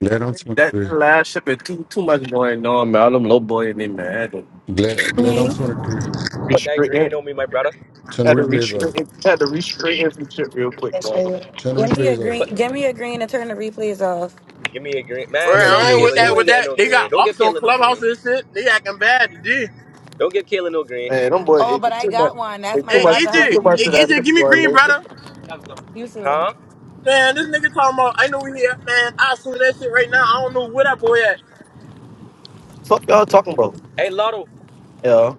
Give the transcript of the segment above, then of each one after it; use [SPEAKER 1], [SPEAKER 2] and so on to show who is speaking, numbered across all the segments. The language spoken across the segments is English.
[SPEAKER 1] Glad I'm
[SPEAKER 2] That, that
[SPEAKER 1] 23.
[SPEAKER 2] last ship is too too much going on, man. All them low boy in there, man. Had to
[SPEAKER 1] Glad, glad I'm
[SPEAKER 3] Mhm.
[SPEAKER 1] 23.
[SPEAKER 4] Put that green
[SPEAKER 2] restraighten,
[SPEAKER 4] on me, my brother.
[SPEAKER 1] Turn the
[SPEAKER 2] had to
[SPEAKER 1] replays off.
[SPEAKER 2] restraighten, had to restraighten some shit real quick, man.
[SPEAKER 1] Turn the
[SPEAKER 3] Give me a
[SPEAKER 1] replays off.
[SPEAKER 3] green.
[SPEAKER 4] Put,
[SPEAKER 3] Give me a green and turn the replays off.
[SPEAKER 4] give me a green.
[SPEAKER 5] Well,
[SPEAKER 1] He
[SPEAKER 4] Man,
[SPEAKER 1] got to
[SPEAKER 4] no,
[SPEAKER 5] I
[SPEAKER 1] do it
[SPEAKER 5] ain't with
[SPEAKER 4] Kayla, you
[SPEAKER 5] that.
[SPEAKER 1] himself.
[SPEAKER 4] ain't
[SPEAKER 5] With
[SPEAKER 4] getting
[SPEAKER 5] that,
[SPEAKER 4] no
[SPEAKER 5] they
[SPEAKER 4] green.
[SPEAKER 5] got
[SPEAKER 4] Don't give
[SPEAKER 5] ops on
[SPEAKER 4] Kayla no
[SPEAKER 5] clubhouse
[SPEAKER 4] green.
[SPEAKER 5] and shit. They acting bad today.
[SPEAKER 4] Don't give Kayla no
[SPEAKER 2] Hey,
[SPEAKER 4] green.
[SPEAKER 2] them boy,
[SPEAKER 3] Oh, but
[SPEAKER 2] it's
[SPEAKER 3] I
[SPEAKER 2] too much.
[SPEAKER 3] got one. That's
[SPEAKER 2] It's
[SPEAKER 3] my
[SPEAKER 2] too
[SPEAKER 5] Hey,
[SPEAKER 2] much.
[SPEAKER 3] brother.
[SPEAKER 2] It's
[SPEAKER 3] How
[SPEAKER 5] EJ,
[SPEAKER 2] too
[SPEAKER 3] you
[SPEAKER 2] much
[SPEAKER 5] hey,
[SPEAKER 2] of that
[SPEAKER 5] EJ,
[SPEAKER 3] mean?
[SPEAKER 5] give
[SPEAKER 2] shit
[SPEAKER 5] me
[SPEAKER 2] going
[SPEAKER 5] green,
[SPEAKER 2] on.
[SPEAKER 5] brother.
[SPEAKER 3] You too.
[SPEAKER 4] Huh?
[SPEAKER 5] Man, this nigga talking about. I know we here, man. I assume that shit right now. I don't know where that boy at.
[SPEAKER 2] Fuck y'all talking about,
[SPEAKER 4] Hey, Lotto,
[SPEAKER 2] Yeah,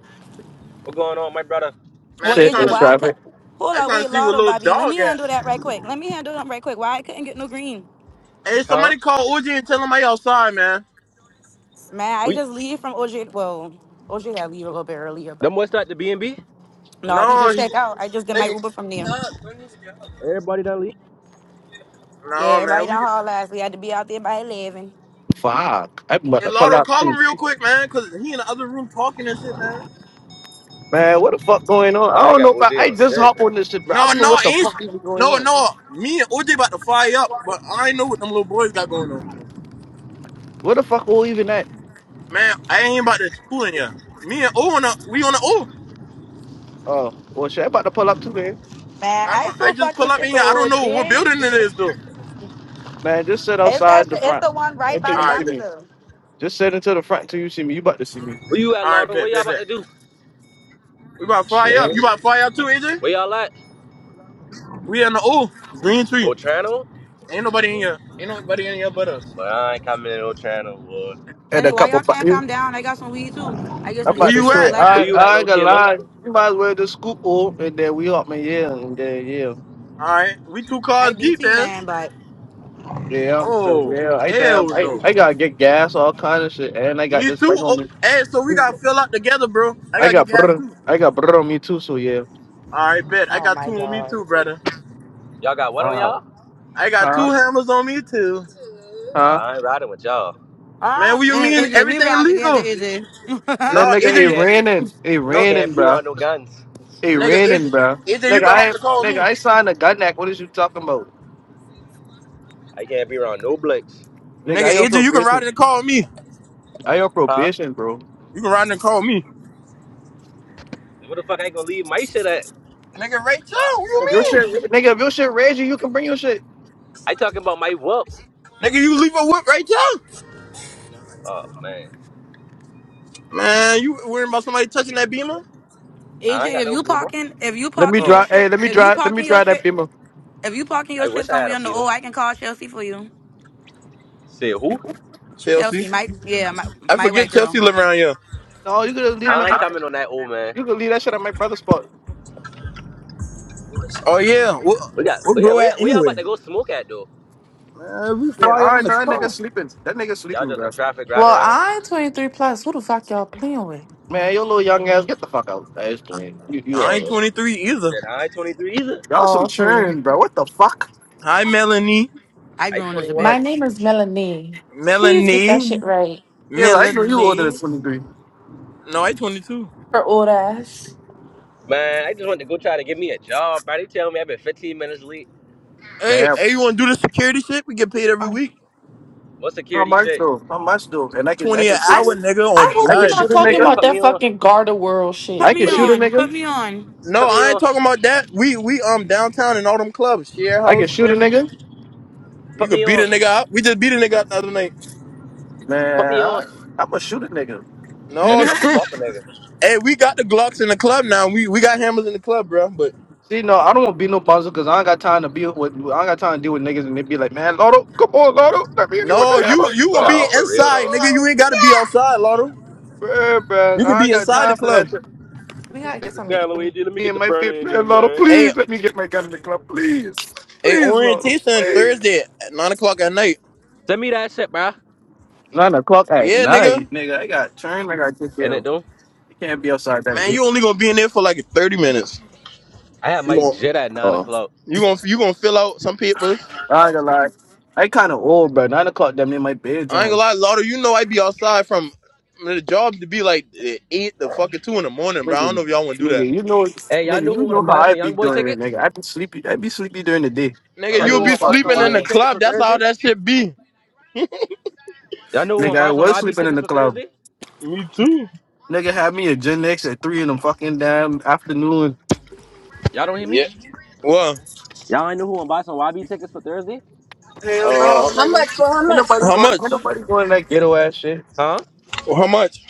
[SPEAKER 4] what going on, my brother?
[SPEAKER 5] Man,
[SPEAKER 3] Well,
[SPEAKER 5] they
[SPEAKER 2] Shit
[SPEAKER 5] trying
[SPEAKER 3] AJ,
[SPEAKER 2] in
[SPEAKER 5] to,
[SPEAKER 3] why I
[SPEAKER 5] they
[SPEAKER 3] could?
[SPEAKER 2] traffic.
[SPEAKER 3] Hold on,
[SPEAKER 5] trying to
[SPEAKER 3] wait,
[SPEAKER 5] see where
[SPEAKER 3] Lotto,
[SPEAKER 5] little
[SPEAKER 3] Bobby. Let
[SPEAKER 5] dog
[SPEAKER 3] me
[SPEAKER 5] at.
[SPEAKER 3] handle that right quick. Let me handle them right quick. Why I couldn't get no green?
[SPEAKER 5] Hey,
[SPEAKER 4] Huh?
[SPEAKER 5] somebody call OJ and tell him I outside, man.
[SPEAKER 3] Man, I
[SPEAKER 4] We,
[SPEAKER 3] just leave from OJ. Well, OJ had leave a little bit earlier, but
[SPEAKER 4] them boys start the B&B?
[SPEAKER 3] no, we
[SPEAKER 5] No,
[SPEAKER 3] just
[SPEAKER 5] he,
[SPEAKER 3] check out. I just did my Uber from there.
[SPEAKER 4] Everybody done leave?
[SPEAKER 3] Yeah,
[SPEAKER 5] no, man.
[SPEAKER 3] everybody
[SPEAKER 5] We,
[SPEAKER 3] done haul last. We had to be out there by eleven.
[SPEAKER 2] Fuck. I'm about
[SPEAKER 5] hey,
[SPEAKER 2] to pull
[SPEAKER 5] Lardo,
[SPEAKER 2] out
[SPEAKER 5] call him
[SPEAKER 2] too.
[SPEAKER 5] real quick, man, cause he in the other room talking and shit, man.
[SPEAKER 2] Man, what the fuck going on?
[SPEAKER 4] I
[SPEAKER 2] I
[SPEAKER 4] ain't
[SPEAKER 2] don't know
[SPEAKER 4] got OJ
[SPEAKER 2] about. I
[SPEAKER 4] on
[SPEAKER 2] just
[SPEAKER 4] shit.
[SPEAKER 2] hop on this shit, bro. I
[SPEAKER 5] No,
[SPEAKER 2] don't know
[SPEAKER 5] no,
[SPEAKER 2] what the
[SPEAKER 5] ain't.
[SPEAKER 2] fuck even going
[SPEAKER 5] No,
[SPEAKER 2] on.
[SPEAKER 5] no, me and OJ about to fire up, but I ain't know what them little boys got going on.
[SPEAKER 2] Where the fuck all even at?
[SPEAKER 5] Man, I ain't about to school in here. Me and O on a we on the O.
[SPEAKER 2] Oh, well, shit. I'm about to pull up too, man.
[SPEAKER 3] Man,
[SPEAKER 5] I'm
[SPEAKER 3] I
[SPEAKER 5] I
[SPEAKER 3] so
[SPEAKER 5] just
[SPEAKER 3] fucking
[SPEAKER 5] pull up in
[SPEAKER 3] sick
[SPEAKER 5] here.
[SPEAKER 3] of
[SPEAKER 5] I don't know what
[SPEAKER 3] OJ.
[SPEAKER 5] building it is though.
[SPEAKER 2] Man, just sit
[SPEAKER 3] It's that.
[SPEAKER 2] outside the
[SPEAKER 3] shit- It's
[SPEAKER 2] front
[SPEAKER 3] the one right by
[SPEAKER 2] until
[SPEAKER 3] the
[SPEAKER 5] All
[SPEAKER 2] you see
[SPEAKER 5] right, bet.
[SPEAKER 2] me.
[SPEAKER 3] dumpster.
[SPEAKER 2] Just sit into the front until you see me. You about to see me.
[SPEAKER 4] Where you at,
[SPEAKER 5] All right,
[SPEAKER 4] Lotto?
[SPEAKER 5] bet,
[SPEAKER 4] What y'all
[SPEAKER 5] bet,
[SPEAKER 4] about
[SPEAKER 5] bet.
[SPEAKER 4] to do?
[SPEAKER 5] We about to fly up.
[SPEAKER 2] Shit.
[SPEAKER 5] You about to fly up too, AJ?
[SPEAKER 4] Where y'all at?
[SPEAKER 5] We in the O. Green tree.
[SPEAKER 4] Otrano?
[SPEAKER 5] Ain't nobody in here. Ain't nobody in here but us.
[SPEAKER 4] But I ain't coming in Otrano, boy.
[SPEAKER 2] And
[SPEAKER 3] And
[SPEAKER 2] a
[SPEAKER 3] then why
[SPEAKER 2] couple
[SPEAKER 3] y'all
[SPEAKER 2] bu-
[SPEAKER 3] can't calm
[SPEAKER 2] you
[SPEAKER 3] down? I got some weed too. I get
[SPEAKER 2] I'm
[SPEAKER 3] some
[SPEAKER 5] Where
[SPEAKER 2] about to
[SPEAKER 5] you
[SPEAKER 3] AC off
[SPEAKER 2] say,
[SPEAKER 5] at?
[SPEAKER 4] Where
[SPEAKER 2] I
[SPEAKER 3] Blackie.
[SPEAKER 4] you at,
[SPEAKER 2] I
[SPEAKER 4] little
[SPEAKER 2] ain't gonna
[SPEAKER 4] Kayla?
[SPEAKER 2] lie. You might as well just scoop all and then we up and yeah and then yeah.
[SPEAKER 5] All right, we two
[SPEAKER 3] I
[SPEAKER 5] cars deep,
[SPEAKER 3] BT
[SPEAKER 5] man.
[SPEAKER 3] man, but
[SPEAKER 2] Yeah, so
[SPEAKER 5] Oh
[SPEAKER 2] yeah, I
[SPEAKER 5] hell
[SPEAKER 2] damn I,
[SPEAKER 5] no.
[SPEAKER 2] I gotta get gas, all kind of shit, and I got
[SPEAKER 5] Me
[SPEAKER 2] this
[SPEAKER 5] too.
[SPEAKER 2] thing
[SPEAKER 5] Oh,
[SPEAKER 2] on me.
[SPEAKER 5] hey, so we gotta fill up together, bro. I
[SPEAKER 2] I
[SPEAKER 5] gotta get
[SPEAKER 2] got
[SPEAKER 5] gas
[SPEAKER 2] brr
[SPEAKER 5] too.
[SPEAKER 2] I got brr on me too, so yeah.
[SPEAKER 5] All right, bet. I
[SPEAKER 3] oh
[SPEAKER 5] got
[SPEAKER 3] my
[SPEAKER 5] two on me
[SPEAKER 3] god.
[SPEAKER 5] too, brother.
[SPEAKER 4] Y'all got what on
[SPEAKER 2] Uh,
[SPEAKER 4] y'all?
[SPEAKER 5] I got
[SPEAKER 2] huh?
[SPEAKER 5] two hammers on me too.
[SPEAKER 4] Oh,
[SPEAKER 2] Huh?
[SPEAKER 4] I ain't riding with y'all.
[SPEAKER 5] Man, what
[SPEAKER 3] Um,
[SPEAKER 5] you
[SPEAKER 3] and
[SPEAKER 5] mean
[SPEAKER 3] then AJ, we
[SPEAKER 5] everything
[SPEAKER 3] ride together,
[SPEAKER 5] illegal?
[SPEAKER 3] AJ. AJ,
[SPEAKER 2] Man
[SPEAKER 5] No,
[SPEAKER 2] nigga
[SPEAKER 4] I
[SPEAKER 2] it
[SPEAKER 5] AJ,
[SPEAKER 4] can't,
[SPEAKER 2] raining. It
[SPEAKER 4] I
[SPEAKER 5] no,
[SPEAKER 4] can't
[SPEAKER 2] raining,
[SPEAKER 4] be
[SPEAKER 2] bruh.
[SPEAKER 4] around no guns.
[SPEAKER 2] It
[SPEAKER 5] nigga, AJ,
[SPEAKER 2] raining, bruh.
[SPEAKER 5] AJ, you
[SPEAKER 2] Nigga,
[SPEAKER 5] can hop
[SPEAKER 2] I
[SPEAKER 5] in the car with
[SPEAKER 2] nigga
[SPEAKER 5] me.
[SPEAKER 2] I signed a gun act. What is you talking about?
[SPEAKER 4] I can't be around no blicks.
[SPEAKER 2] Nigga,
[SPEAKER 5] Nigga,
[SPEAKER 2] I on
[SPEAKER 5] AJ, you can ride
[SPEAKER 2] probation.
[SPEAKER 5] in the car with me.
[SPEAKER 2] I on
[SPEAKER 4] Huh?
[SPEAKER 2] probation, bro.
[SPEAKER 5] You can ride in the car with me.
[SPEAKER 4] What the fuck I gonna leave my shit at?
[SPEAKER 5] Nigga, right now, what you
[SPEAKER 2] If your shit,
[SPEAKER 5] mean?
[SPEAKER 2] nigga, if your shit raise you, you can bring your shit.
[SPEAKER 4] I talking about my whoop.
[SPEAKER 5] Nigga, you leave a whip right now?
[SPEAKER 4] Oh man,
[SPEAKER 5] Man, you worrying about somebody touching that beamer?
[SPEAKER 4] I ain't got
[SPEAKER 3] if
[SPEAKER 4] no
[SPEAKER 3] you
[SPEAKER 4] beamer.
[SPEAKER 3] parking, if you
[SPEAKER 2] Let me
[SPEAKER 3] parking
[SPEAKER 5] Oh,
[SPEAKER 3] your
[SPEAKER 2] drive. Hey,
[SPEAKER 3] shit,
[SPEAKER 2] let me
[SPEAKER 3] if you
[SPEAKER 2] drive. Let me
[SPEAKER 3] parking your
[SPEAKER 2] drive that
[SPEAKER 3] shit,
[SPEAKER 2] beamer.
[SPEAKER 3] if you parking
[SPEAKER 4] I
[SPEAKER 3] your shit
[SPEAKER 4] wish I had
[SPEAKER 3] somewhere
[SPEAKER 4] a
[SPEAKER 3] on the
[SPEAKER 4] beamer.
[SPEAKER 3] O, I can call Chelsea for you.
[SPEAKER 4] Say who?
[SPEAKER 5] Chelsea.
[SPEAKER 3] Chelsea, my yeah, my
[SPEAKER 5] I
[SPEAKER 3] my
[SPEAKER 5] forget
[SPEAKER 3] white
[SPEAKER 5] Chelsea
[SPEAKER 3] girl.
[SPEAKER 5] live around here.
[SPEAKER 2] No, you could leave him
[SPEAKER 4] I
[SPEAKER 2] at my.
[SPEAKER 4] ain't coming on that old man.
[SPEAKER 2] You could leave that shit at my brother's spot.
[SPEAKER 5] Oh, yeah. What,
[SPEAKER 4] We got,
[SPEAKER 5] what
[SPEAKER 4] we got,
[SPEAKER 5] bro
[SPEAKER 4] we
[SPEAKER 5] at
[SPEAKER 4] got, we all
[SPEAKER 5] anyway?
[SPEAKER 4] about to go smoke at though.
[SPEAKER 5] Man, we
[SPEAKER 2] Say,
[SPEAKER 5] fly
[SPEAKER 2] all
[SPEAKER 5] up in
[SPEAKER 2] right,
[SPEAKER 5] the
[SPEAKER 2] no, that nigga
[SPEAKER 5] car.
[SPEAKER 2] sleeping. That nigga
[SPEAKER 4] Y'all
[SPEAKER 2] sleeping,
[SPEAKER 4] just
[SPEAKER 2] bro.
[SPEAKER 4] in traffic riding
[SPEAKER 6] Well,
[SPEAKER 4] around.
[SPEAKER 6] I'm 23 plus. Who the fuck y'all playing with?
[SPEAKER 2] Man, your little young ass, get the fuck out. I just playing. You, you
[SPEAKER 5] I
[SPEAKER 2] are.
[SPEAKER 5] ain't
[SPEAKER 2] Right.
[SPEAKER 5] 23 either.
[SPEAKER 4] Then I ain't 23 either.
[SPEAKER 2] Y'all
[SPEAKER 6] Oh,
[SPEAKER 2] some
[SPEAKER 6] okay.
[SPEAKER 2] churn, bro. What the fuck?
[SPEAKER 5] Hi, Melanie.
[SPEAKER 3] I
[SPEAKER 4] I ain't
[SPEAKER 3] grown as a
[SPEAKER 6] My
[SPEAKER 4] 21.
[SPEAKER 6] name
[SPEAKER 3] bitch.
[SPEAKER 6] is Melanie. Please get that
[SPEAKER 5] Melanie.
[SPEAKER 6] shit right.
[SPEAKER 2] Yeah, like you you older than
[SPEAKER 5] Melanie.
[SPEAKER 2] twenty three.
[SPEAKER 5] No, I 22.
[SPEAKER 6] Her old ass.
[SPEAKER 4] Man, I just want to go try to get me a job. Bro, they tell me I've been 15 minutes late.
[SPEAKER 5] Hey,
[SPEAKER 2] Damn.
[SPEAKER 5] hey, you want to do the security shit? We get paid every
[SPEAKER 6] I
[SPEAKER 5] week,
[SPEAKER 4] What
[SPEAKER 2] How
[SPEAKER 4] security
[SPEAKER 2] much
[SPEAKER 4] shit?
[SPEAKER 2] though? How much though? And I can, I
[SPEAKER 5] twenty an
[SPEAKER 2] can shoot.
[SPEAKER 5] hour,
[SPEAKER 6] I
[SPEAKER 5] nigga,
[SPEAKER 6] I
[SPEAKER 5] on
[SPEAKER 6] hope
[SPEAKER 2] I can
[SPEAKER 6] you're
[SPEAKER 5] blood.
[SPEAKER 6] not
[SPEAKER 2] shoot a
[SPEAKER 6] talking
[SPEAKER 4] Yeah,
[SPEAKER 2] nigga.
[SPEAKER 6] about
[SPEAKER 4] put
[SPEAKER 6] that
[SPEAKER 4] me on.
[SPEAKER 6] fucking Garda World
[SPEAKER 2] I
[SPEAKER 3] Put
[SPEAKER 6] shit.
[SPEAKER 2] can
[SPEAKER 3] me
[SPEAKER 4] What they
[SPEAKER 2] shoot
[SPEAKER 4] get?
[SPEAKER 2] a
[SPEAKER 3] on.
[SPEAKER 2] nigga.
[SPEAKER 3] Put me on.
[SPEAKER 5] No,
[SPEAKER 4] Put me
[SPEAKER 5] I ain't
[SPEAKER 4] on.
[SPEAKER 5] talking about that. We we um downtown in all them clubs, share
[SPEAKER 2] I can
[SPEAKER 5] house,
[SPEAKER 2] shoot a
[SPEAKER 5] Henry.
[SPEAKER 2] nigga.
[SPEAKER 5] You
[SPEAKER 4] Put
[SPEAKER 5] could
[SPEAKER 4] me
[SPEAKER 5] beat a nigga
[SPEAKER 4] on.
[SPEAKER 5] up. We just beat a nigga up the other night.
[SPEAKER 4] Put
[SPEAKER 2] Man,
[SPEAKER 4] me on.
[SPEAKER 2] I, I'm a shooter nigga.
[SPEAKER 4] And
[SPEAKER 5] No,
[SPEAKER 4] then I'm gonna pop a nigga.
[SPEAKER 5] hey, we got the Glocks in the club now. We we got hammers in the club, bro. But
[SPEAKER 2] See, no, I don't want to be no bouncer because I ain't got time to be with. I ain't got time to deal with niggas and they be like, man, Lotto, come on, Lotto, let me in there with
[SPEAKER 5] no,
[SPEAKER 2] the hammer.
[SPEAKER 5] you you gonna be
[SPEAKER 4] No,
[SPEAKER 2] No,
[SPEAKER 4] for real
[SPEAKER 5] inside,
[SPEAKER 4] though.
[SPEAKER 5] nigga. You
[SPEAKER 2] no,
[SPEAKER 5] ain't gotta be outside, Lotto.
[SPEAKER 2] man, man,
[SPEAKER 5] You could
[SPEAKER 2] I ain't
[SPEAKER 5] be
[SPEAKER 2] got
[SPEAKER 5] inside the
[SPEAKER 2] time for that.
[SPEAKER 5] club.
[SPEAKER 2] shit.
[SPEAKER 6] We gotta get something to
[SPEAKER 4] Down, Luigi, let me
[SPEAKER 2] Me
[SPEAKER 4] get
[SPEAKER 2] and
[SPEAKER 4] the
[SPEAKER 2] my fit,
[SPEAKER 4] burner in there,
[SPEAKER 2] man, Lotto,
[SPEAKER 4] man.
[SPEAKER 5] Hey,
[SPEAKER 2] please let me get my gun in the club, please,
[SPEAKER 5] hey,
[SPEAKER 2] please, Lotto,
[SPEAKER 5] orientation
[SPEAKER 2] please.
[SPEAKER 5] Thursday at nine o'clock at night.
[SPEAKER 4] Send me that shit, bro.
[SPEAKER 2] Nine o'clock at
[SPEAKER 5] Yeah, nigga.
[SPEAKER 2] night, nigga. I got train. I got to take
[SPEAKER 4] And
[SPEAKER 2] care.
[SPEAKER 4] it
[SPEAKER 2] of.
[SPEAKER 4] do.
[SPEAKER 2] You can't be outside that
[SPEAKER 5] Man,
[SPEAKER 2] late.
[SPEAKER 5] you only gonna be in there for like thirty minutes.
[SPEAKER 4] I had
[SPEAKER 5] You
[SPEAKER 4] my
[SPEAKER 5] gon-
[SPEAKER 4] jet at nine
[SPEAKER 2] Oh,
[SPEAKER 4] o'clock.
[SPEAKER 5] You gonna you gonna fill out some papers.
[SPEAKER 2] I ain't gonna lie. I kind of old, bro. Nine o'clock, damn near my
[SPEAKER 5] I ain't gonna
[SPEAKER 2] bedtime.
[SPEAKER 5] lie, Lauder. You know I be outside from the job to be like eh, eight to fucking two in the morning, bro. I don't
[SPEAKER 2] Nigga,
[SPEAKER 5] know if y'all wanna do that,
[SPEAKER 2] nigga, you know,
[SPEAKER 4] Hey, y'all
[SPEAKER 2] nigga,
[SPEAKER 4] know
[SPEAKER 2] you
[SPEAKER 4] who wanna
[SPEAKER 2] know how
[SPEAKER 4] buy
[SPEAKER 2] I
[SPEAKER 4] some
[SPEAKER 2] be
[SPEAKER 4] Young Boy
[SPEAKER 2] doing it,
[SPEAKER 4] tickets?
[SPEAKER 2] nigga. I be sleepy. I be sleepy during the day. I
[SPEAKER 5] nigga.
[SPEAKER 4] Y'all
[SPEAKER 2] was
[SPEAKER 4] know
[SPEAKER 5] You'll
[SPEAKER 4] who
[SPEAKER 2] really
[SPEAKER 5] be
[SPEAKER 4] wanna
[SPEAKER 2] fall
[SPEAKER 4] buy
[SPEAKER 2] asleep.
[SPEAKER 4] some
[SPEAKER 5] sleeping
[SPEAKER 2] in
[SPEAKER 5] in the
[SPEAKER 4] YB tickets
[SPEAKER 2] ass.
[SPEAKER 5] club.
[SPEAKER 4] for
[SPEAKER 5] That's how
[SPEAKER 4] Thursday?
[SPEAKER 5] that shit be.
[SPEAKER 4] Y'all know who
[SPEAKER 2] Nigga,
[SPEAKER 4] wanna
[SPEAKER 2] I
[SPEAKER 4] buy some
[SPEAKER 2] was
[SPEAKER 4] YB
[SPEAKER 2] sleeping in
[SPEAKER 4] tickets
[SPEAKER 2] the
[SPEAKER 4] for
[SPEAKER 2] club.
[SPEAKER 4] Thursday?
[SPEAKER 5] Me too.
[SPEAKER 2] Nigga had me a Gen X at three in the fucking damn afternoon.
[SPEAKER 4] Y'all don't hear me?
[SPEAKER 5] Yeah. Well,
[SPEAKER 4] Y'all ain't know who wanna buy some YB tickets for Thursday?
[SPEAKER 2] Hell
[SPEAKER 5] uh,
[SPEAKER 2] no,
[SPEAKER 5] How much for how
[SPEAKER 2] nigga. Ain't
[SPEAKER 5] much?
[SPEAKER 2] nobody
[SPEAKER 5] how
[SPEAKER 2] going.
[SPEAKER 5] much?
[SPEAKER 2] Ain't nobody going that ghetto ass shit.
[SPEAKER 4] Huh?
[SPEAKER 5] How much?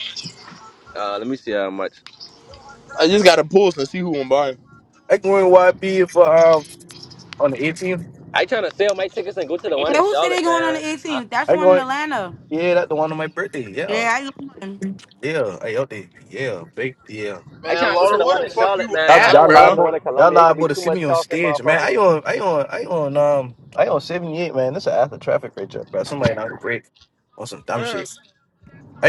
[SPEAKER 4] Uh, let me see how much.
[SPEAKER 5] I just gotta pulse and see who I'm buying.
[SPEAKER 2] I going YB for um on the 18th.
[SPEAKER 4] I trying to sell my tickets and go to the one
[SPEAKER 3] Yeah.
[SPEAKER 4] in
[SPEAKER 3] Who said they
[SPEAKER 4] Charlotte,
[SPEAKER 3] going on the
[SPEAKER 4] man. I,
[SPEAKER 3] 18th? That's
[SPEAKER 2] I
[SPEAKER 3] the one in
[SPEAKER 2] going.
[SPEAKER 3] Atlanta.
[SPEAKER 2] Yeah, that's the one on my birthday. Yeah,
[SPEAKER 3] Yeah, I. going.
[SPEAKER 2] yeah. I out there. Yeah, big. Yeah.
[SPEAKER 4] I
[SPEAKER 5] Man,
[SPEAKER 4] trying to go to
[SPEAKER 5] Lauder,
[SPEAKER 4] the one
[SPEAKER 5] where
[SPEAKER 4] in
[SPEAKER 5] the fuck
[SPEAKER 4] Charlotte,
[SPEAKER 5] you
[SPEAKER 4] man. I
[SPEAKER 5] at,
[SPEAKER 4] don't
[SPEAKER 2] Y'all
[SPEAKER 4] want to go to
[SPEAKER 5] bro?
[SPEAKER 4] the one
[SPEAKER 2] liable.
[SPEAKER 4] in
[SPEAKER 2] Y'all
[SPEAKER 4] Columbia. It gonna be
[SPEAKER 2] liable to
[SPEAKER 4] too
[SPEAKER 2] see
[SPEAKER 4] much
[SPEAKER 2] me on
[SPEAKER 4] coughing,
[SPEAKER 2] stage, man.
[SPEAKER 4] motherfuckers.
[SPEAKER 2] I on. I on. I on. Um. I on seventy eight, man. This is after traffic right there, bro. Somebody not great on some dumb
[SPEAKER 5] Man,
[SPEAKER 2] shit.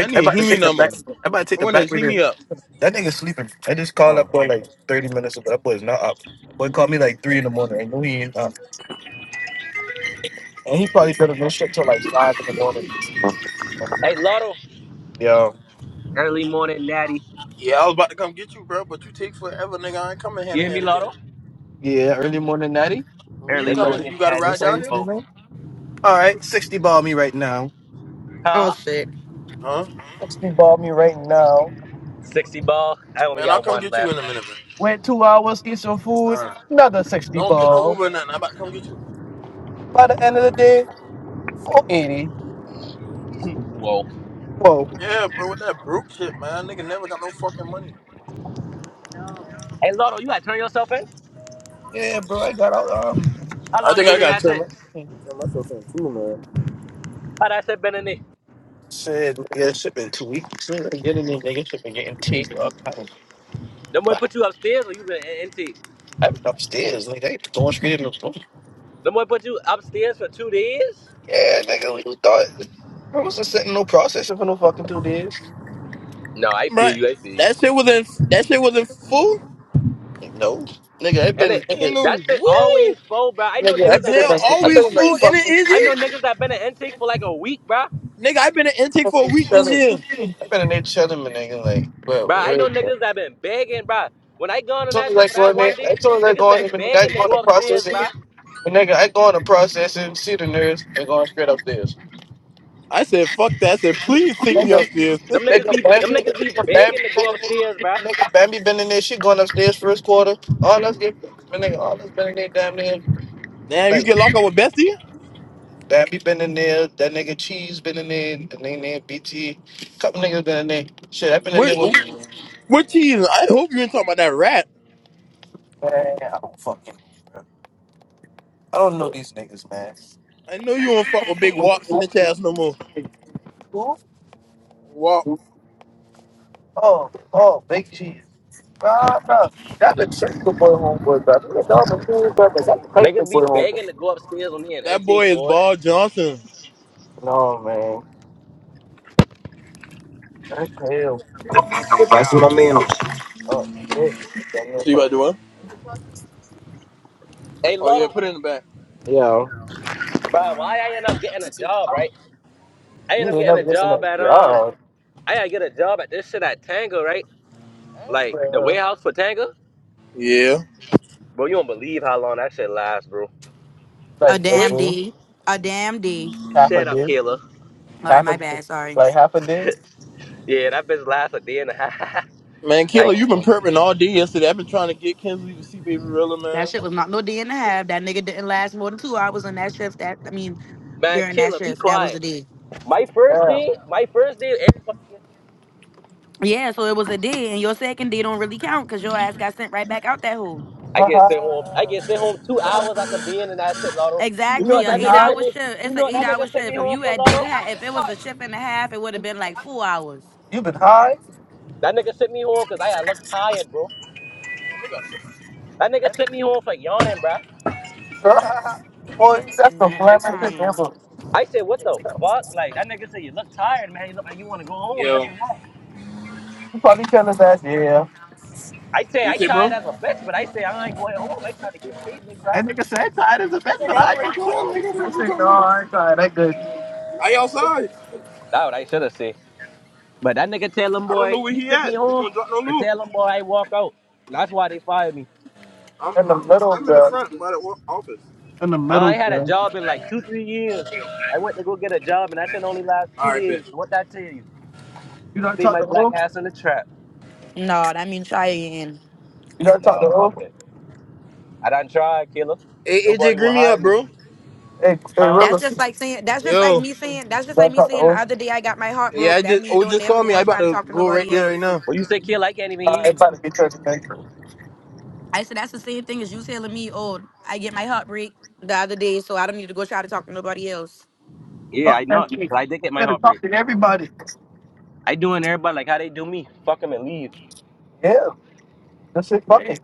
[SPEAKER 5] I
[SPEAKER 2] I
[SPEAKER 5] need a
[SPEAKER 2] about to
[SPEAKER 5] Hemi
[SPEAKER 2] take the
[SPEAKER 5] number.
[SPEAKER 2] back. I about to take
[SPEAKER 5] I
[SPEAKER 2] the
[SPEAKER 5] want to
[SPEAKER 2] back
[SPEAKER 5] Hemi
[SPEAKER 2] reader.
[SPEAKER 5] up.
[SPEAKER 2] That nigga sleeping. I just called
[SPEAKER 5] Uh.
[SPEAKER 2] that boy like thirty minutes ago. That boy's not up. Boy called me like three in the morning. I know he ain't up, and he probably could have been on this shit till like five in the morning.
[SPEAKER 4] Hey, Lotto.
[SPEAKER 2] Yo.
[SPEAKER 4] Early morning, Natty.
[SPEAKER 5] Yeah, I was about to come get you, bro, but you take forever, nigga. I ain't coming hand
[SPEAKER 4] You
[SPEAKER 5] to
[SPEAKER 4] hear me,
[SPEAKER 5] hand again.
[SPEAKER 4] Lotto?
[SPEAKER 2] Yeah, early morning natty.
[SPEAKER 5] When you
[SPEAKER 4] Early
[SPEAKER 2] That's how
[SPEAKER 5] coming,
[SPEAKER 2] you.
[SPEAKER 4] morning,
[SPEAKER 5] you got to
[SPEAKER 4] Natty.
[SPEAKER 5] ride
[SPEAKER 2] That's how
[SPEAKER 5] down
[SPEAKER 2] you
[SPEAKER 5] here?
[SPEAKER 2] feel,
[SPEAKER 4] Whoa.
[SPEAKER 2] man. All right, sixty ball me right now.
[SPEAKER 3] Oh
[SPEAKER 4] Huh?
[SPEAKER 3] shit.
[SPEAKER 5] Huh?
[SPEAKER 2] Sixty ball me right now.
[SPEAKER 4] 60 ball. I only
[SPEAKER 5] Man, I'll
[SPEAKER 4] got
[SPEAKER 5] come
[SPEAKER 4] one
[SPEAKER 5] get you in
[SPEAKER 4] left.
[SPEAKER 5] a minute, man.
[SPEAKER 2] Went two hours, eat some food,
[SPEAKER 5] All right.
[SPEAKER 2] another 60
[SPEAKER 5] Don't get no
[SPEAKER 2] ball.
[SPEAKER 5] Uber or nothing. I'm about to come get you.
[SPEAKER 2] By the end
[SPEAKER 5] All
[SPEAKER 2] of the
[SPEAKER 5] right.
[SPEAKER 2] day, 480.
[SPEAKER 4] Whoa.
[SPEAKER 2] Whoa.
[SPEAKER 5] Yeah, bro, with that broke shit, man. Nigga never got no fucking money.
[SPEAKER 4] Hey, Lotto, you gotta turn yourself in?
[SPEAKER 2] Yeah, bro, I got out. Um,
[SPEAKER 4] How
[SPEAKER 5] I
[SPEAKER 4] long you
[SPEAKER 5] think I
[SPEAKER 4] been in
[SPEAKER 5] got to
[SPEAKER 4] that
[SPEAKER 5] turn, my,
[SPEAKER 4] shit?
[SPEAKER 5] turn myself in too, man.
[SPEAKER 4] How that shit been in there?
[SPEAKER 2] shit, yeah, shit been two weeks. Shit, I Get in there, nigga. Shit been getting taped up. kind
[SPEAKER 4] Them boy
[SPEAKER 2] of-
[SPEAKER 4] put you upstairs or you been in NT?
[SPEAKER 2] I been upstairs, nigga. They going straight in the room.
[SPEAKER 4] Them boy put you upstairs for two days?
[SPEAKER 2] Yeah, nigga, we thought I was just sitting no processing for no fucking two days.
[SPEAKER 4] No, I feel you. I feel
[SPEAKER 5] Bruh,
[SPEAKER 4] you.
[SPEAKER 5] that shit wasn't that shit wasn't full.
[SPEAKER 2] Like, No, nigga, I've
[SPEAKER 4] And
[SPEAKER 2] been,
[SPEAKER 4] it
[SPEAKER 5] Ain't
[SPEAKER 2] nigga,
[SPEAKER 4] that
[SPEAKER 5] no
[SPEAKER 4] shit
[SPEAKER 5] way.
[SPEAKER 4] always full, bro. I know
[SPEAKER 2] nigga,
[SPEAKER 5] The
[SPEAKER 4] niggas
[SPEAKER 2] I've been
[SPEAKER 4] that
[SPEAKER 2] in,
[SPEAKER 4] been
[SPEAKER 5] jail
[SPEAKER 4] in
[SPEAKER 2] the,
[SPEAKER 4] intake.
[SPEAKER 2] been
[SPEAKER 5] always
[SPEAKER 2] in like
[SPEAKER 5] full and it
[SPEAKER 2] fucking,
[SPEAKER 4] I know
[SPEAKER 5] isn't.
[SPEAKER 4] niggas that been in intake for like a week, bro.
[SPEAKER 5] Nigga, i been in intake
[SPEAKER 2] I've
[SPEAKER 5] for
[SPEAKER 2] been
[SPEAKER 5] a
[SPEAKER 2] in there
[SPEAKER 5] week this year.
[SPEAKER 2] chilling, I've been in there chilling, my nigga, like,
[SPEAKER 4] Bro, I
[SPEAKER 2] bro,
[SPEAKER 4] know niggas that been begging, bro. When I gone on
[SPEAKER 2] soon
[SPEAKER 4] that
[SPEAKER 2] as
[SPEAKER 4] shit
[SPEAKER 2] I
[SPEAKER 4] for
[SPEAKER 2] go
[SPEAKER 4] that
[SPEAKER 2] in there,
[SPEAKER 4] one day,
[SPEAKER 2] as soon as I
[SPEAKER 4] niggas
[SPEAKER 2] go in
[SPEAKER 4] been
[SPEAKER 2] there, my nigga,
[SPEAKER 4] begging
[SPEAKER 2] I
[SPEAKER 4] to
[SPEAKER 2] go in the
[SPEAKER 4] go upstairs,
[SPEAKER 2] processing.
[SPEAKER 4] bro.
[SPEAKER 2] it. nigga, I go in the processing. see the nurse and going straight upstairs.
[SPEAKER 5] I said, fuck that. I said, please take me
[SPEAKER 2] Nigga,
[SPEAKER 5] upstairs.
[SPEAKER 4] Them niggas
[SPEAKER 2] nigga,
[SPEAKER 4] be them
[SPEAKER 2] Bambi,
[SPEAKER 4] niggas be
[SPEAKER 2] nigga, Bambi
[SPEAKER 4] begging to
[SPEAKER 2] been
[SPEAKER 4] go
[SPEAKER 2] in
[SPEAKER 4] upstairs,
[SPEAKER 2] there.
[SPEAKER 4] bro.
[SPEAKER 2] Nigga, Bambi been in there. She going upstairs first quarter. All us get, my nigga, all us been in there damn near.
[SPEAKER 5] Damn, you
[SPEAKER 2] Like,
[SPEAKER 5] get locked up with Bessie?
[SPEAKER 2] Bambi been in there. That nigga Cheese been in there. The nigga named BT. Couple niggas been in there. Shit, I been in
[SPEAKER 5] Where?
[SPEAKER 2] there with.
[SPEAKER 5] What cheese? I hope you ain't talking about that rat.
[SPEAKER 2] Man, I don't fucking. know, I don't know these niggas, man.
[SPEAKER 5] I know you don't fuck with big walks in the chest no more. Walk.
[SPEAKER 2] Oh, oh, big cheese. Nah, nah. That been chase the boy homeboy, bro. Me and dog been cool, bro, but I can chase the
[SPEAKER 4] Niggas be
[SPEAKER 2] boy homeboy.
[SPEAKER 4] begging to go upstairs on me and
[SPEAKER 5] That
[SPEAKER 4] intake,
[SPEAKER 5] boy is
[SPEAKER 4] boy.
[SPEAKER 5] Ball Johnson.
[SPEAKER 2] No, man. That's hell.
[SPEAKER 5] So
[SPEAKER 2] Oh, good.
[SPEAKER 5] you about to do what?
[SPEAKER 4] Hey,
[SPEAKER 5] Oh yeah,
[SPEAKER 4] Lotto,
[SPEAKER 5] put it in the back.
[SPEAKER 2] Yo,
[SPEAKER 4] bro, why I end up getting a job, right? I end
[SPEAKER 2] you
[SPEAKER 4] up
[SPEAKER 2] didn't
[SPEAKER 4] getting
[SPEAKER 2] never
[SPEAKER 4] a
[SPEAKER 2] get in
[SPEAKER 4] job
[SPEAKER 2] a
[SPEAKER 4] at, um,
[SPEAKER 2] job.
[SPEAKER 4] I gotta get a job at this shit at Tanga, right?
[SPEAKER 2] Hey,
[SPEAKER 4] Like, the
[SPEAKER 2] bro.
[SPEAKER 4] warehouse for Tanga?
[SPEAKER 5] Yeah.
[SPEAKER 4] Bro, you don't believe how long that shit lasts, bro.
[SPEAKER 3] A
[SPEAKER 2] Like a
[SPEAKER 5] Wait.
[SPEAKER 3] damn
[SPEAKER 2] dude,
[SPEAKER 3] D. A damn D.
[SPEAKER 2] half a
[SPEAKER 4] Shut up,
[SPEAKER 2] dude,
[SPEAKER 4] Kayla.
[SPEAKER 3] All right,
[SPEAKER 2] half a
[SPEAKER 3] my
[SPEAKER 2] dude,
[SPEAKER 3] bad. Sorry.
[SPEAKER 2] like half a dude.
[SPEAKER 4] yeah, that bitch lasts a day and a half.
[SPEAKER 5] Man,
[SPEAKER 4] I,
[SPEAKER 5] Kayla, you been
[SPEAKER 2] Oh,
[SPEAKER 5] perping all day yesterday. I've been trying to get Kinsley to see Baby Rilla,
[SPEAKER 3] That shit
[SPEAKER 5] man.
[SPEAKER 3] was not no D and a half. That nigga didn't last more than two hours on that shift. That I mean,
[SPEAKER 4] man,
[SPEAKER 3] during that
[SPEAKER 4] Kayla, be
[SPEAKER 3] shift, that was a
[SPEAKER 4] quiet.
[SPEAKER 3] D.
[SPEAKER 4] My first
[SPEAKER 2] damn.
[SPEAKER 4] day, my first day, everybody gets,
[SPEAKER 3] Yeah, so it was a D, and your second D don't really count because your ass got sent right back out that hole.
[SPEAKER 4] I
[SPEAKER 2] Ha
[SPEAKER 4] get sent home. I
[SPEAKER 2] ha.
[SPEAKER 4] get sent home two
[SPEAKER 2] Fuck.
[SPEAKER 4] hours after being in that shit, Lotto. You know
[SPEAKER 2] you
[SPEAKER 3] Exactly,
[SPEAKER 4] what
[SPEAKER 3] a
[SPEAKER 2] been
[SPEAKER 4] that
[SPEAKER 3] eight
[SPEAKER 4] nigga
[SPEAKER 2] high?
[SPEAKER 4] sent
[SPEAKER 3] hour
[SPEAKER 4] me?
[SPEAKER 3] shift.
[SPEAKER 4] You
[SPEAKER 3] It's an
[SPEAKER 4] know what
[SPEAKER 3] eight
[SPEAKER 4] that
[SPEAKER 3] hour
[SPEAKER 4] nigga sent me
[SPEAKER 3] shift. If
[SPEAKER 4] home
[SPEAKER 3] you
[SPEAKER 4] for,
[SPEAKER 3] had did
[SPEAKER 4] Lotto?
[SPEAKER 3] ha- if it was a shift and a half, it would have been like four hours.
[SPEAKER 2] You been high?
[SPEAKER 4] That nigga sent me home because I had looked tired, bro. That nigga sent me home for yawning, bruh.
[SPEAKER 2] Boy, that's the
[SPEAKER 3] Man, I
[SPEAKER 2] flamming shit
[SPEAKER 3] crying.
[SPEAKER 2] ever.
[SPEAKER 4] I said, what the fuck? Like, that nigga said, you look tired, man. You look like you want to go home,
[SPEAKER 5] Yo.
[SPEAKER 4] this
[SPEAKER 5] What
[SPEAKER 4] and that.
[SPEAKER 2] You probably tell us that, yeah.
[SPEAKER 4] I say,
[SPEAKER 5] you
[SPEAKER 4] I
[SPEAKER 5] say, bro?
[SPEAKER 4] tired as a bitch, but I say, I ain't going home. I trying to get paid, nigga. bruh.
[SPEAKER 2] And nigga said "I'm tired as a bitch, but
[SPEAKER 5] Nigga,
[SPEAKER 2] I
[SPEAKER 5] I'm right
[SPEAKER 2] ain't
[SPEAKER 5] here,
[SPEAKER 2] cool.
[SPEAKER 5] nigga.
[SPEAKER 2] I
[SPEAKER 5] Fuck you
[SPEAKER 2] said, no,
[SPEAKER 5] talking about?
[SPEAKER 2] I ain't tired. That good.
[SPEAKER 5] I outside.
[SPEAKER 4] That what I should have said. But that nigga tell him,
[SPEAKER 5] I don't
[SPEAKER 4] boy,
[SPEAKER 5] know where
[SPEAKER 4] he
[SPEAKER 5] he
[SPEAKER 4] sent me
[SPEAKER 5] at. He
[SPEAKER 4] home
[SPEAKER 5] don't drop no
[SPEAKER 4] and
[SPEAKER 5] loot.
[SPEAKER 4] tell him, boy, I walk out. That's why they fired me.
[SPEAKER 5] I'm,
[SPEAKER 2] In the
[SPEAKER 5] I'm,
[SPEAKER 2] middle,
[SPEAKER 5] I'm in the
[SPEAKER 2] bro.
[SPEAKER 5] front by the wa- office.
[SPEAKER 2] In the
[SPEAKER 4] I
[SPEAKER 2] middle,
[SPEAKER 4] ain't had a
[SPEAKER 2] bro.
[SPEAKER 4] job in like two, three years. I went to go get a job, and that shit only last
[SPEAKER 5] All
[SPEAKER 4] two
[SPEAKER 5] right, bet.
[SPEAKER 4] days. What that tell you?
[SPEAKER 2] You not
[SPEAKER 4] Stay
[SPEAKER 2] talk
[SPEAKER 4] my
[SPEAKER 2] to
[SPEAKER 4] black
[SPEAKER 2] Wolf?
[SPEAKER 4] ass in the trap.
[SPEAKER 3] No, that means trying.
[SPEAKER 2] You not talk
[SPEAKER 4] No,
[SPEAKER 2] to Wolf?
[SPEAKER 4] fuck that. I done tried, killer.
[SPEAKER 5] Hey,
[SPEAKER 4] Nobody
[SPEAKER 5] AJ,
[SPEAKER 4] will
[SPEAKER 5] green me
[SPEAKER 4] hire
[SPEAKER 5] up,
[SPEAKER 4] me.
[SPEAKER 5] bro.
[SPEAKER 2] Hey, hey,
[SPEAKER 4] Huh?
[SPEAKER 3] That's
[SPEAKER 2] realist.
[SPEAKER 3] just like
[SPEAKER 2] You
[SPEAKER 3] saying that's just like
[SPEAKER 5] Yo.
[SPEAKER 3] me saying that's just like
[SPEAKER 2] not
[SPEAKER 3] me
[SPEAKER 2] talk to
[SPEAKER 3] saying the
[SPEAKER 2] Wolf?
[SPEAKER 3] other day I got my heart
[SPEAKER 5] Yeah, I
[SPEAKER 3] broke. That
[SPEAKER 5] just
[SPEAKER 3] mean
[SPEAKER 5] oh
[SPEAKER 3] don't
[SPEAKER 5] just
[SPEAKER 3] never
[SPEAKER 5] call me.
[SPEAKER 3] go
[SPEAKER 5] I
[SPEAKER 3] and
[SPEAKER 5] about
[SPEAKER 3] try to
[SPEAKER 5] to
[SPEAKER 3] talk to
[SPEAKER 5] go right
[SPEAKER 3] nobody
[SPEAKER 5] there right
[SPEAKER 3] else.
[SPEAKER 5] now.
[SPEAKER 4] When you say killer, I can't even hear
[SPEAKER 2] I ain't
[SPEAKER 4] you.
[SPEAKER 2] about to be church man.
[SPEAKER 3] I said that's the same thing as you telling me, oh, I get my heart break the other day, so I don't need to go try to talk to nobody else.
[SPEAKER 4] Yeah,
[SPEAKER 2] Fuck
[SPEAKER 4] I know.
[SPEAKER 2] that shit.
[SPEAKER 4] But I did get my
[SPEAKER 2] Better
[SPEAKER 4] heart break.
[SPEAKER 2] talk to everybody.
[SPEAKER 4] I doing everybody like how they do me. Fuck 'em and leave.
[SPEAKER 2] Yeah, that shit fucking.
[SPEAKER 3] Right.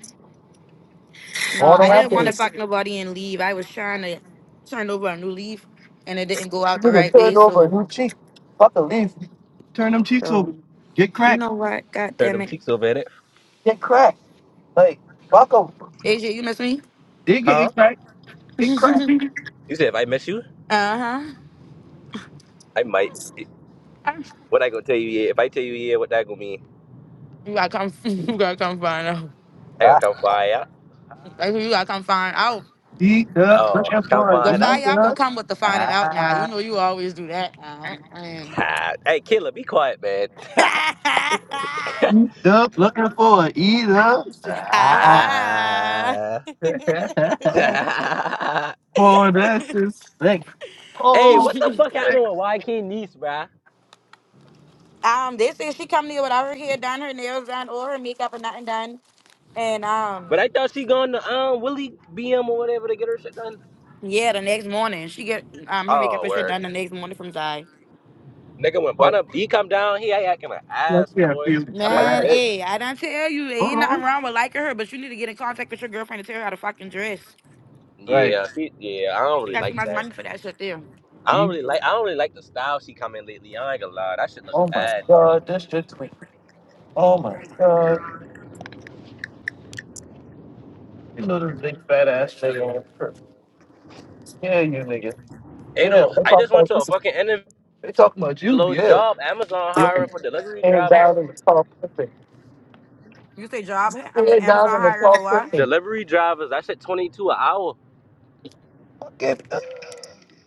[SPEAKER 3] No,
[SPEAKER 2] Water
[SPEAKER 3] I didn't want to
[SPEAKER 2] happens.
[SPEAKER 3] fuck nobody and leave. I was trying to turn over a new leaf and it didn't go
[SPEAKER 2] You
[SPEAKER 3] out the
[SPEAKER 2] need to
[SPEAKER 3] right way.
[SPEAKER 2] turn over a
[SPEAKER 3] So
[SPEAKER 2] new cheek. Fuck a leaf. Turn them cheeks over.
[SPEAKER 3] so
[SPEAKER 2] Get
[SPEAKER 3] you
[SPEAKER 2] cracked.
[SPEAKER 3] know what? God
[SPEAKER 4] Turn
[SPEAKER 3] damn
[SPEAKER 4] them
[SPEAKER 3] it.
[SPEAKER 4] cheeks over at it.
[SPEAKER 2] Get cracked. Like, fuck 'em.
[SPEAKER 3] AJ, you miss me?
[SPEAKER 2] They
[SPEAKER 4] Huh?
[SPEAKER 2] get cracked. Get cracked.
[SPEAKER 4] You said if I miss you,
[SPEAKER 3] uh-huh.
[SPEAKER 4] I might. What I gonna tell you yeah? If I tell you yeah, what that gonna mean?
[SPEAKER 3] You gotta come you gotta come find out.
[SPEAKER 4] I gonna come find out.
[SPEAKER 3] Like you gotta come find out.
[SPEAKER 2] Eat up,
[SPEAKER 4] Oh,
[SPEAKER 2] looking
[SPEAKER 4] come
[SPEAKER 2] for it.
[SPEAKER 3] The
[SPEAKER 4] find
[SPEAKER 3] fire,
[SPEAKER 4] out.
[SPEAKER 2] Eat
[SPEAKER 3] y'all gonna
[SPEAKER 2] up.
[SPEAKER 3] come with the finding out now. You
[SPEAKER 2] Ah.
[SPEAKER 3] know you always do that now. And
[SPEAKER 4] Ah. hey, killer, be quiet, man.
[SPEAKER 2] Eat up, looking for it. Eat up. Ah.
[SPEAKER 4] ah.
[SPEAKER 2] Boy, that's just sick.
[SPEAKER 4] hey,
[SPEAKER 2] Oh,
[SPEAKER 4] what the fuck happened
[SPEAKER 2] sick.
[SPEAKER 4] with YK Nice, bruh?
[SPEAKER 3] um, they say she come here without her hair done, her nails done, or her makeup or nothing done. And
[SPEAKER 4] But
[SPEAKER 3] um,
[SPEAKER 4] I thought she gone to um Willie BM or whatever to get her shit done.
[SPEAKER 3] yeah, the next morning she get um her makeup
[SPEAKER 4] Oh
[SPEAKER 3] and shit
[SPEAKER 4] word.
[SPEAKER 3] done the next morning from Zai.
[SPEAKER 4] Nigga when
[SPEAKER 2] But
[SPEAKER 4] Bottom B come down, he ain't acting an
[SPEAKER 2] I
[SPEAKER 4] ass
[SPEAKER 2] can't
[SPEAKER 4] boy.
[SPEAKER 2] feel
[SPEAKER 4] That might
[SPEAKER 3] Man,
[SPEAKER 2] bad.
[SPEAKER 4] fit.
[SPEAKER 3] hey, I done tell you, there ain't
[SPEAKER 2] Uh-huh.
[SPEAKER 3] nothing wrong with liking her, but you need to get in contact with your girlfriend and tell her how to fucking dress.
[SPEAKER 2] Right.
[SPEAKER 4] Yeah, she, yeah, I don't
[SPEAKER 3] She
[SPEAKER 4] really
[SPEAKER 3] got too
[SPEAKER 4] like
[SPEAKER 3] much
[SPEAKER 4] that.
[SPEAKER 3] money for that shit there.
[SPEAKER 4] I don't
[SPEAKER 2] Eat.
[SPEAKER 4] really like I don't really like the style she come in lately. I ain't gonna lie, that shit look
[SPEAKER 2] Oh my
[SPEAKER 4] bad.
[SPEAKER 2] god, that's just me. Oh my god. You little big fat ass nigga on purpose. Yeah, you nigga. Yeah,
[SPEAKER 4] Ado,
[SPEAKER 2] they
[SPEAKER 4] I
[SPEAKER 2] talking
[SPEAKER 4] just went
[SPEAKER 2] about
[SPEAKER 4] to a
[SPEAKER 2] this is
[SPEAKER 4] fucking interview
[SPEAKER 2] they talking about you,
[SPEAKER 4] low
[SPEAKER 2] yeah.
[SPEAKER 4] job. Amazon hiring for delivery
[SPEAKER 2] Ten
[SPEAKER 4] drivers.
[SPEAKER 2] dollars in the tall person.
[SPEAKER 3] You say job, um,
[SPEAKER 2] Ten
[SPEAKER 3] Amazon
[SPEAKER 2] dollars in the
[SPEAKER 3] hiring
[SPEAKER 2] tall
[SPEAKER 3] for what?
[SPEAKER 2] person.
[SPEAKER 4] Delivery drivers, that shit twenty two an hour.
[SPEAKER 2] Get uh,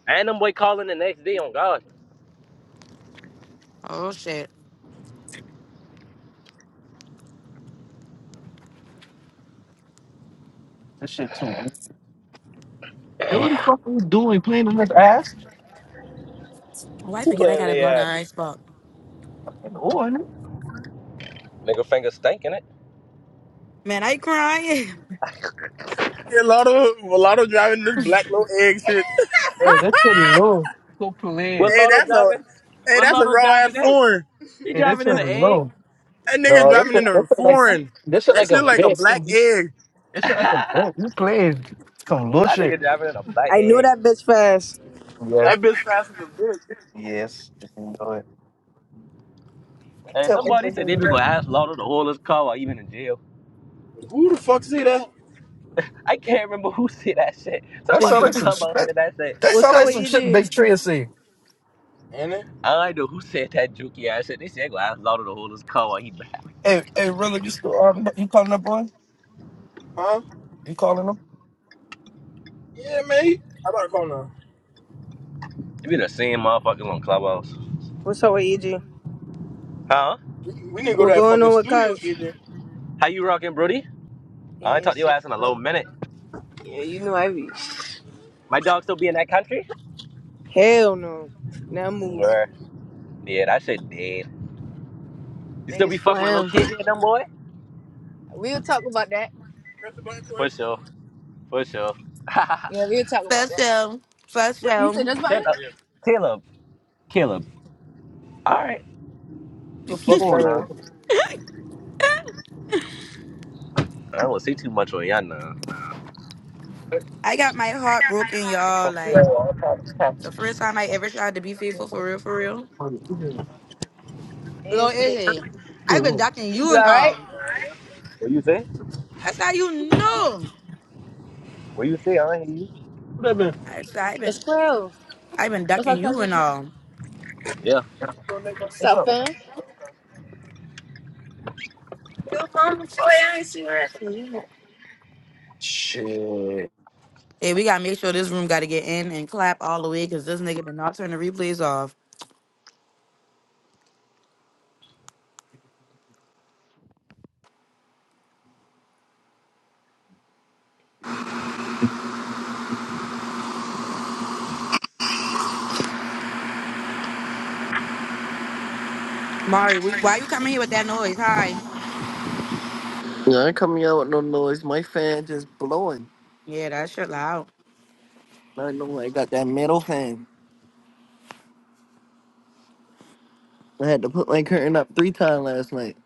[SPEAKER 4] And them boy calling the next day on God.
[SPEAKER 3] Oh shit.
[SPEAKER 2] that shit too. Hey, what the fuck are you doing playing on this ass?
[SPEAKER 3] Why
[SPEAKER 4] Who
[SPEAKER 3] forget I
[SPEAKER 4] playing in
[SPEAKER 3] got a blunt
[SPEAKER 4] their ass?
[SPEAKER 3] eye spot.
[SPEAKER 2] And on
[SPEAKER 4] Nigga finger stinking it.
[SPEAKER 3] Man, I crying.
[SPEAKER 5] Yeah, Lotto, well, Lotto driving this black low egg shit.
[SPEAKER 2] Oh, that shit low. Go play.
[SPEAKER 4] What
[SPEAKER 5] hey,
[SPEAKER 4] lotto
[SPEAKER 5] that's a,
[SPEAKER 4] driving?
[SPEAKER 5] hey,
[SPEAKER 4] What
[SPEAKER 5] that's a
[SPEAKER 4] lotto
[SPEAKER 5] raw ass
[SPEAKER 4] driving in?
[SPEAKER 5] foreign.
[SPEAKER 4] He
[SPEAKER 2] Hey, that
[SPEAKER 4] driving
[SPEAKER 2] shit
[SPEAKER 4] in an egg?
[SPEAKER 2] low.
[SPEAKER 5] That nigga
[SPEAKER 2] No, that shit,
[SPEAKER 5] driving in
[SPEAKER 2] that
[SPEAKER 5] a
[SPEAKER 2] shit like
[SPEAKER 5] foreign.
[SPEAKER 2] that shit
[SPEAKER 5] That
[SPEAKER 2] like a
[SPEAKER 5] shit like a black
[SPEAKER 2] bitch.
[SPEAKER 5] egg.
[SPEAKER 2] That shit like a boat.
[SPEAKER 4] I
[SPEAKER 2] You playing some little
[SPEAKER 4] think
[SPEAKER 2] shit.
[SPEAKER 4] he driving in a black
[SPEAKER 5] I know
[SPEAKER 4] egg.
[SPEAKER 5] that bitch fast.
[SPEAKER 2] Yes.
[SPEAKER 5] That bitch fast as a bitch.
[SPEAKER 2] Yes. You can do it.
[SPEAKER 4] And somebody said they been
[SPEAKER 2] up.
[SPEAKER 4] gonna ask Lord of the oil his car while even in jail.
[SPEAKER 5] Who the fuck say that?
[SPEAKER 4] I can't remember who said that shit.
[SPEAKER 2] That
[SPEAKER 4] Somebody
[SPEAKER 2] sound
[SPEAKER 4] will
[SPEAKER 2] like some
[SPEAKER 4] come
[SPEAKER 2] shit.
[SPEAKER 4] up
[SPEAKER 2] That,
[SPEAKER 4] and I said,
[SPEAKER 2] that
[SPEAKER 5] What's
[SPEAKER 2] sound
[SPEAKER 5] up
[SPEAKER 2] like
[SPEAKER 5] with
[SPEAKER 2] some shit
[SPEAKER 5] EG?
[SPEAKER 2] Big Tree is saying.
[SPEAKER 5] Ain't it?
[SPEAKER 4] I don't know who said that jokey ass shit. They said they gonna ask Lord of the oil his car while he back.
[SPEAKER 2] Hey, hey, really, you still um, you calling that boy?
[SPEAKER 5] Huh?
[SPEAKER 2] You calling him?
[SPEAKER 5] Yeah, mate. I about to call now.
[SPEAKER 4] It be the same motherfuckers on Clubhouse.
[SPEAKER 5] What's up with EG?
[SPEAKER 4] Huh?
[SPEAKER 5] We, we need to go to What that going fucking on with studio, Cuz?
[SPEAKER 4] How you rocking, Brody? I
[SPEAKER 5] AJ.
[SPEAKER 4] ain't
[SPEAKER 5] Yeah,
[SPEAKER 4] talked to your
[SPEAKER 5] shit,
[SPEAKER 4] ass in a
[SPEAKER 5] you know?
[SPEAKER 4] little minute.
[SPEAKER 5] Yeah, you know I be.
[SPEAKER 4] My dog still be in that country?
[SPEAKER 5] Hell no. Now move.
[SPEAKER 4] Bruh. Yeah, that shit dead. You still be
[SPEAKER 5] Niggas
[SPEAKER 4] fucking with little
[SPEAKER 5] flam.
[SPEAKER 4] kids and them boy?
[SPEAKER 5] We'll talk about that. Press the button, Corey.
[SPEAKER 4] For sure. For sure.
[SPEAKER 5] Yeah, we'll talk about
[SPEAKER 3] First
[SPEAKER 5] that.
[SPEAKER 3] show, first
[SPEAKER 5] What you say
[SPEAKER 3] show.
[SPEAKER 5] this button?
[SPEAKER 4] Shut up.
[SPEAKER 5] Yeah.
[SPEAKER 4] Caleb. Caleb. All right,
[SPEAKER 2] Who
[SPEAKER 4] you
[SPEAKER 2] the
[SPEAKER 4] keep
[SPEAKER 2] fuck that
[SPEAKER 4] on
[SPEAKER 2] is?
[SPEAKER 4] now. I don't want to say too much on y'all now.
[SPEAKER 3] I got my
[SPEAKER 2] I
[SPEAKER 3] heart broken, y'all. Like
[SPEAKER 2] got my
[SPEAKER 3] the first
[SPEAKER 2] heart.
[SPEAKER 3] time I ever tried to be faithful for real, for real.
[SPEAKER 5] And
[SPEAKER 3] Lord
[SPEAKER 5] shit.
[SPEAKER 3] hey. I've been ducking you
[SPEAKER 5] You
[SPEAKER 3] and
[SPEAKER 5] alright?
[SPEAKER 3] all.
[SPEAKER 4] What you say?
[SPEAKER 3] That's how you know.
[SPEAKER 4] What you say? I ain't hear you.
[SPEAKER 3] That's how I've
[SPEAKER 5] It's
[SPEAKER 3] been
[SPEAKER 5] cool.
[SPEAKER 3] I've been
[SPEAKER 5] What's
[SPEAKER 3] ducking
[SPEAKER 5] up,
[SPEAKER 3] you and
[SPEAKER 5] cousin?
[SPEAKER 3] all.
[SPEAKER 4] Yeah.
[SPEAKER 5] Go, nigga. What's up, fam?
[SPEAKER 2] Your mama toy, I ain't seen her. after You Shit.
[SPEAKER 3] Hey, we gotta make sure this room gotta get in and clap all the way because this nigga did not turn the replays off. Mari, we, why you coming here with that noise? Hi.
[SPEAKER 7] Yeah, I ain't coming out with no noise. My fan just blowing.
[SPEAKER 3] Yeah, that shit loud.
[SPEAKER 7] I know I got that metal fan. I had to put my curtain up three times last night.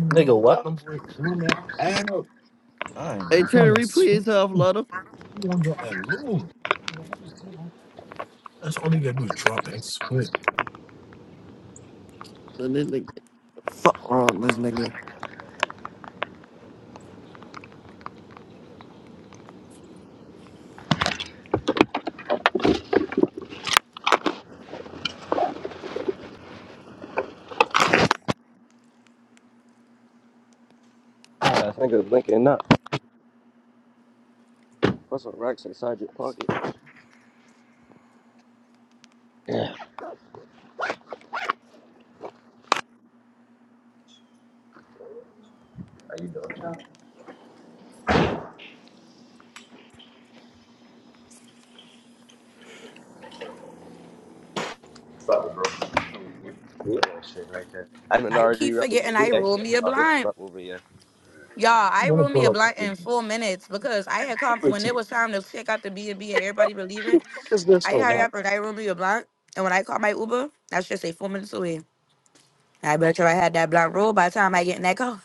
[SPEAKER 2] Nigga, I'm
[SPEAKER 7] Hey, turn the replays off, Lotto.
[SPEAKER 2] going to Swift.
[SPEAKER 7] But this nigga- Fuck wrong, with this nigga.
[SPEAKER 4] I think nigga blinking up. Put some racks inside your pocket. Yeah. Yeah, that shit right there. I'm an
[SPEAKER 3] I
[SPEAKER 4] RD
[SPEAKER 3] keep
[SPEAKER 4] right
[SPEAKER 3] forgetting
[SPEAKER 4] here.
[SPEAKER 3] I
[SPEAKER 4] Wait, I
[SPEAKER 3] roll
[SPEAKER 4] said,
[SPEAKER 3] me a
[SPEAKER 4] wow, this is
[SPEAKER 3] blind.
[SPEAKER 4] up over here.
[SPEAKER 3] Y'all,
[SPEAKER 2] I'm
[SPEAKER 3] I
[SPEAKER 2] gonna
[SPEAKER 3] rolled me
[SPEAKER 2] pull
[SPEAKER 3] a
[SPEAKER 2] up.
[SPEAKER 3] blunt in four minutes because I had come
[SPEAKER 2] What
[SPEAKER 3] when it was time to check out the B and B and everybody been leaving.
[SPEAKER 2] is this?
[SPEAKER 3] I
[SPEAKER 2] Oh,
[SPEAKER 3] hurry up and I rolled me a blunt, and when I called my Uber, I should say four minutes away. I bet you I had that blunt roll by the time I get in that car.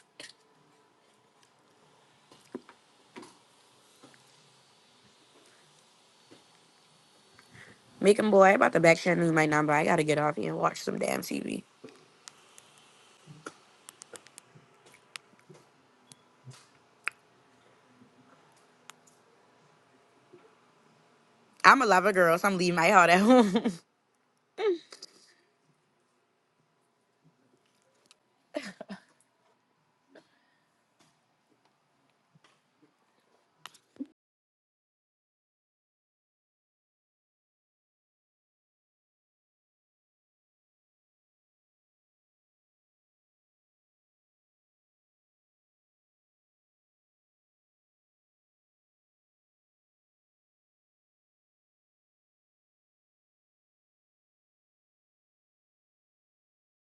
[SPEAKER 3] Making boy, I about to back channel you my number. I gotta get off here and watch some damn TV. I'm a lover girl, so I'm leaving my heart at home.